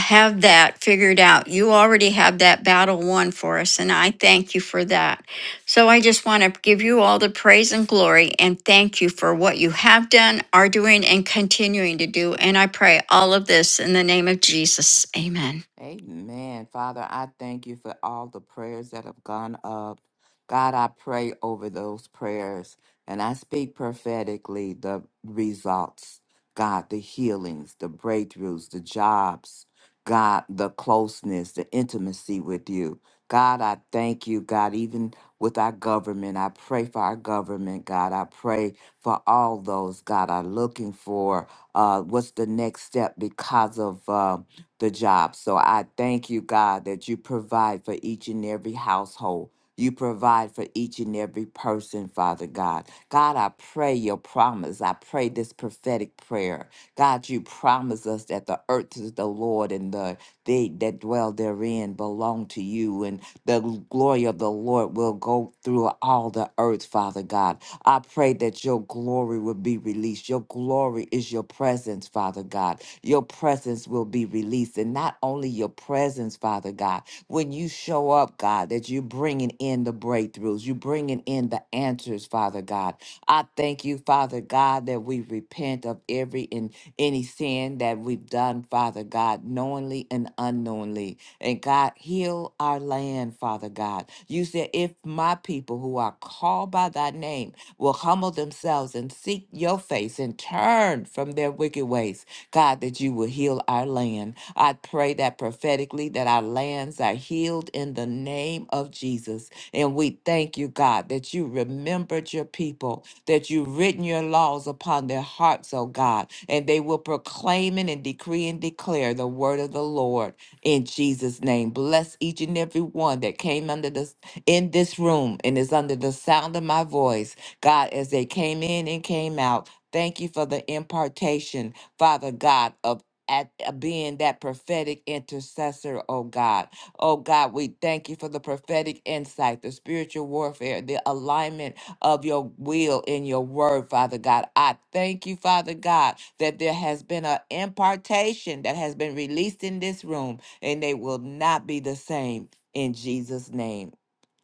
have that figured out. You already have that battle won for us, and I thank you for that. So I just want to give you all the praise and glory and thank you for what you have done, are doing, and continuing to do. And I pray all of this in the name of Jesus. Amen. Amen. Father, I thank you for all the prayers that have gone up. God, I pray over those prayers and I speak prophetically the results, God, the healings, the breakthroughs, the jobs, God, the closeness, the intimacy with you. God, I thank you, God, even with our government. I pray for our government, God. I pray for all those, God, are looking for uh, what's the next step because of. Uh, the job. So I thank you, God, that you provide for each and every household. You provide for each and every person, Father God. God, I pray your promise. I pray this prophetic prayer. God, you promise us that the earth is the Lord and the they that dwell therein belong to you, and the glory of the Lord will go through all the earth, Father God. I pray that your glory will be released. Your glory is your presence, Father God. Your presence will be released, and not only your presence, Father God, when you show up, God, that you're bringing in the breakthroughs, you're bringing in the answers, Father God. I thank you, Father God, that we repent of every iniquity any sin that we've done, Father God, knowingly and unknowingly. And God, heal our land, Father God. You said, if my people who are called by thy name will humble themselves and seek your face and turn from their wicked ways, God, that you will heal heal our land. I pray that prophetically that our lands are healed in the name of Jesus. And we thank you, God, that you remembered your people, that you've written your laws upon their hearts, oh God, and they will proclaim it and decree and declare the word of the Lord in Jesus' name. Bless each and every one that came under this in this room and is under the sound of my voice. God, as they came in and came out. Thank you for the impartation, Father God, of at uh, being that prophetic intercessor, oh God. Oh God, we thank you for the prophetic insight, the spiritual warfare, the alignment of your will in your word, Father God. I thank you, Father God, that there has been an impartation that has been released in this room, and they will not be the same in Jesus' name.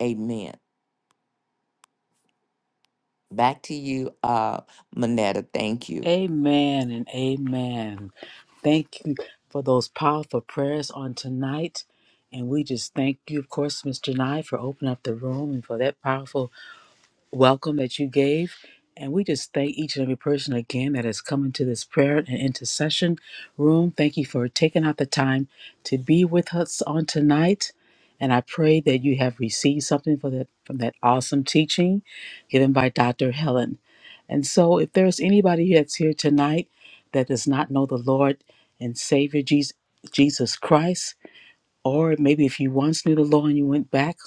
Amen. Back to you, uh, Manetta. Thank you. Amen and amen. Thank you for those powerful prayers on tonight. And we just thank you, of course, Mr. Nye, for opening up the room and for that powerful welcome that you gave. And we just thank each and every person again that has come into this prayer and intercession room. Thank you for taking out the time to be with us on tonight. And I pray that you have received something for that, from that awesome teaching given by Dr. Helen. And so, if there's anybody that's here tonight that does not know the Lord and Savior Jesus, Jesus Christ, or maybe if you once knew the Lord and you went back,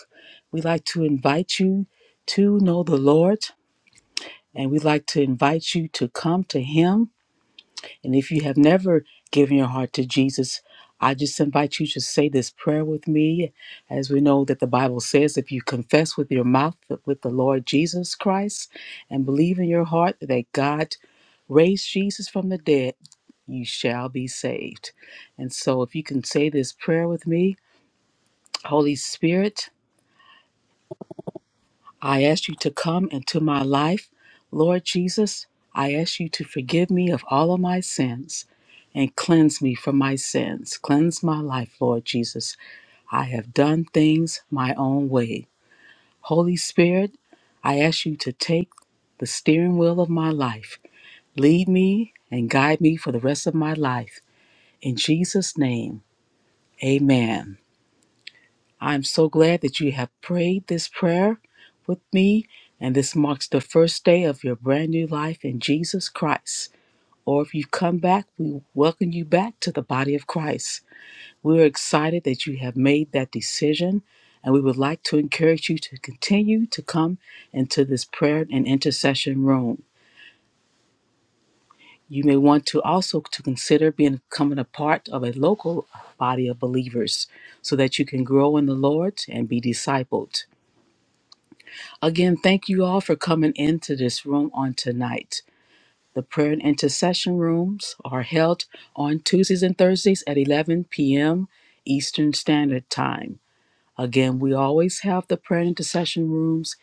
we like to invite you to know the Lord. And we like to invite you to come to Him. And if you have never given your heart to Jesus, I just invite you to say this prayer with me. As we know that the Bible says, if you confess with your mouth with the Lord Jesus Christ and believe in your heart that God raised Jesus from the dead, you shall be saved. And so if you can say this prayer with me, Holy Spirit, I ask you to come into my life. Lord Jesus, I ask you to forgive me of all of my sins and cleanse me from my sins. Cleanse my life, Lord Jesus. I have done things my own way. Holy Spirit, I ask you to take the steering wheel of my life. Lead me and guide me for the rest of my life. In Jesus' name, amen. I'm so glad that you have prayed this prayer with me, and this marks the first day of your brand new life in Jesus Christ. Or if you've come back, we welcome you back to the body of Christ. We're excited that you have made that decision, and we would like to encourage you to continue to come into this prayer and intercession room. You may want to also to consider being- becoming a part of a local body of believers so that you can grow in the Lord and be discipled. Again, thank you all for coming into this room on tonight. The prayer and intercession rooms are held on Tuesdays and Thursdays at 11 p.m. Eastern Standard Time. Again, we always have the prayer and intercession rooms,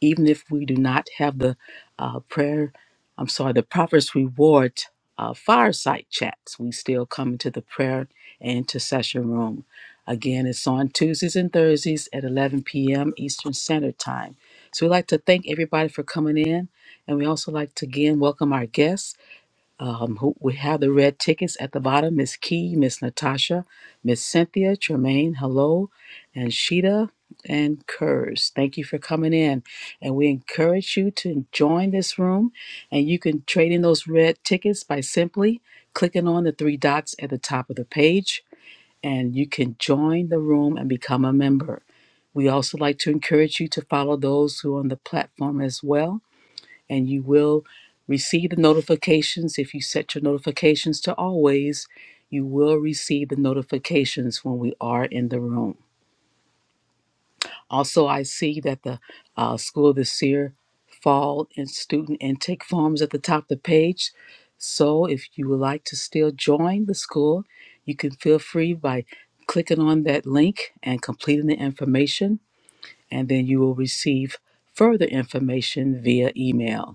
even if we do not have the uh, prayer, I'm sorry, the Prophet's Reward uh, fireside chats. We still come into the prayer and intercession room. Again, it's on Tuesdays and Thursdays at 11 p.m. Eastern Standard Time. So we'd like to thank everybody for coming in. And we also like to again welcome our guests. Um, who, we have the red tickets at the bottom. Miss Key, Miss Natasha, Miss Cynthia, Tremaine, hello, and Sheeta and Kurz. Thank you for coming in. And we encourage you to join this room. And you can trade in those red tickets by simply clicking on the three dots at the top of the page. And you can join the room and become a member. We also like to encourage you to follow those who are on the platform as well and you will receive the notifications if you set your notifications to always you will receive the notifications when we are in the room also i see that the uh, school of the seer fall and student intake forms at the top of the page so if you would like to still join the school you can feel free by clicking on that link and completing the information and then you will receive further information via email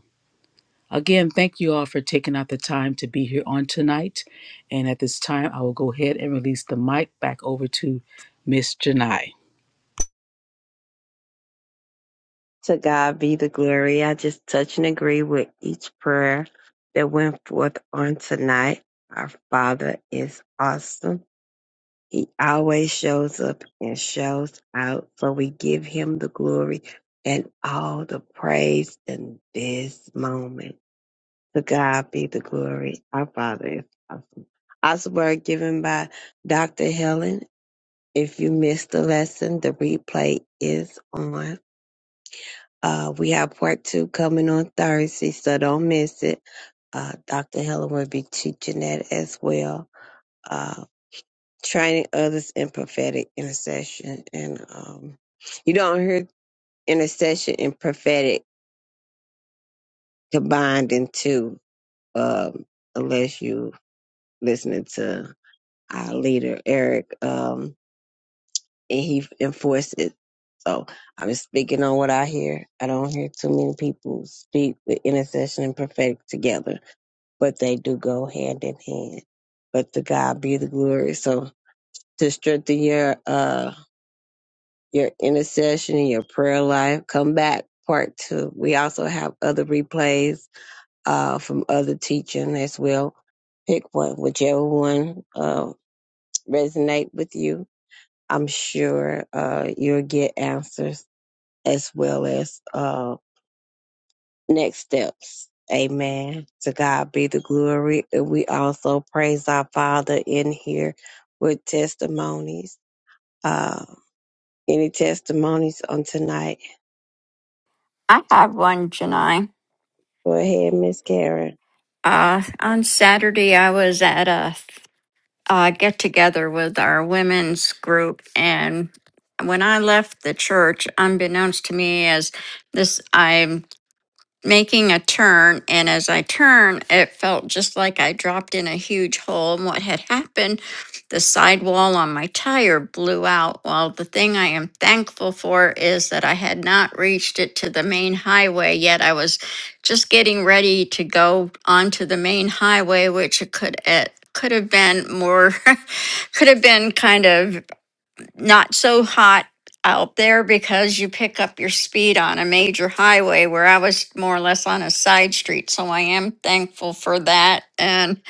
Again, thank you all for taking out the time to be here on tonight. And at this time, I will go ahead and release the mic back over to Miss Janai. To God be the glory. I just touch and agree with each prayer that went forth on tonight. Our Father is awesome. He always shows up and shows out. So we give him the glory and all the praise in this moment. To God be the glory. Our Father is awesome. Awesome word given by Dr. Helen. If you missed the lesson, the replay is on. Uh, we have part two coming on Thursday, so don't miss it. Uh, Dr. Helen will be teaching that as well. Uh, training others in prophetic intercession. And um, you don't hear intercession and prophetic combined in two um, unless you listening to our leader Eric, um, and he enforced it. So I'm just speaking on what I hear. I don't hear too many people speak with intercession and prophetic together, but they do go hand in hand. But to God be the glory. So to strengthen your uh your intercession and your prayer life. Come back, part two. We also have other replays uh, from other teaching as well. Pick one, whichever one uh, resonate with you. I'm sure uh, you'll get answers as well as uh, next steps. Amen. To God be the glory. And we also praise our Father in here with testimonies. Uh, any testimonies on tonight? I have one, Janai. Go ahead, Miss Karen. Uh, on Saturday, I was at a uh, get together with our women's group. And when I left the church, unbeknownst to me, as this, I making a turn, and as I turned, it felt just like I dropped in a huge hole. And what had happened, the sidewall on my tire blew out. Well, the thing I am thankful for is that I had not reached it to the main highway yet. I was just getting ready to go onto the main highway, which it could it could have been more could have been kind of not so hot out there because you pick up your speed on a major highway where I was more or less on a side street. So I am thankful for that and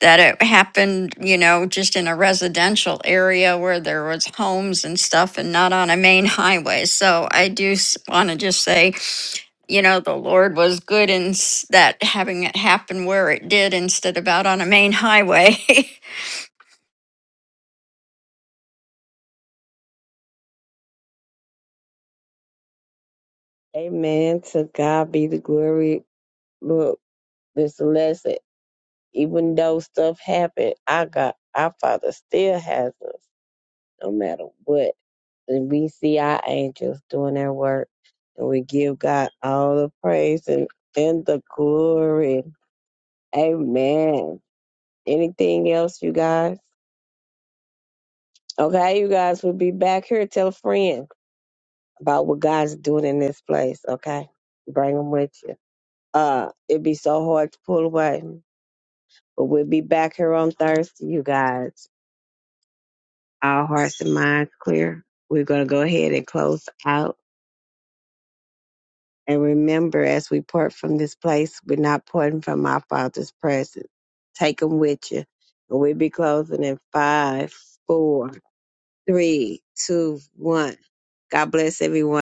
that it happened, you know, just in a residential area where there was homes and stuff and not on a main highway. So I do want to just say, you know, the Lord was good in s- that having it happen where it did instead of out on a main highway. Amen. To God be the glory. Look, this lesson, even though stuff happened, I got our Father still has us, no matter what. And we see our angels doing their work, and we give God all the praise and, and the glory. Amen. Anything else, you guys? Okay, you guys will be back here. Tell a friend about what God's doing in this place. Okay, bring them with you. Uh, it'd be so hard to pull away But we'll be back here on Thursday, you guys. Our hearts and minds clear. We're going to go ahead and close out. And remember, as we part from this place, we're not parting from our Father's presence. Take them with you. And we'll be closing in five, four, three, two, one. God bless everyone.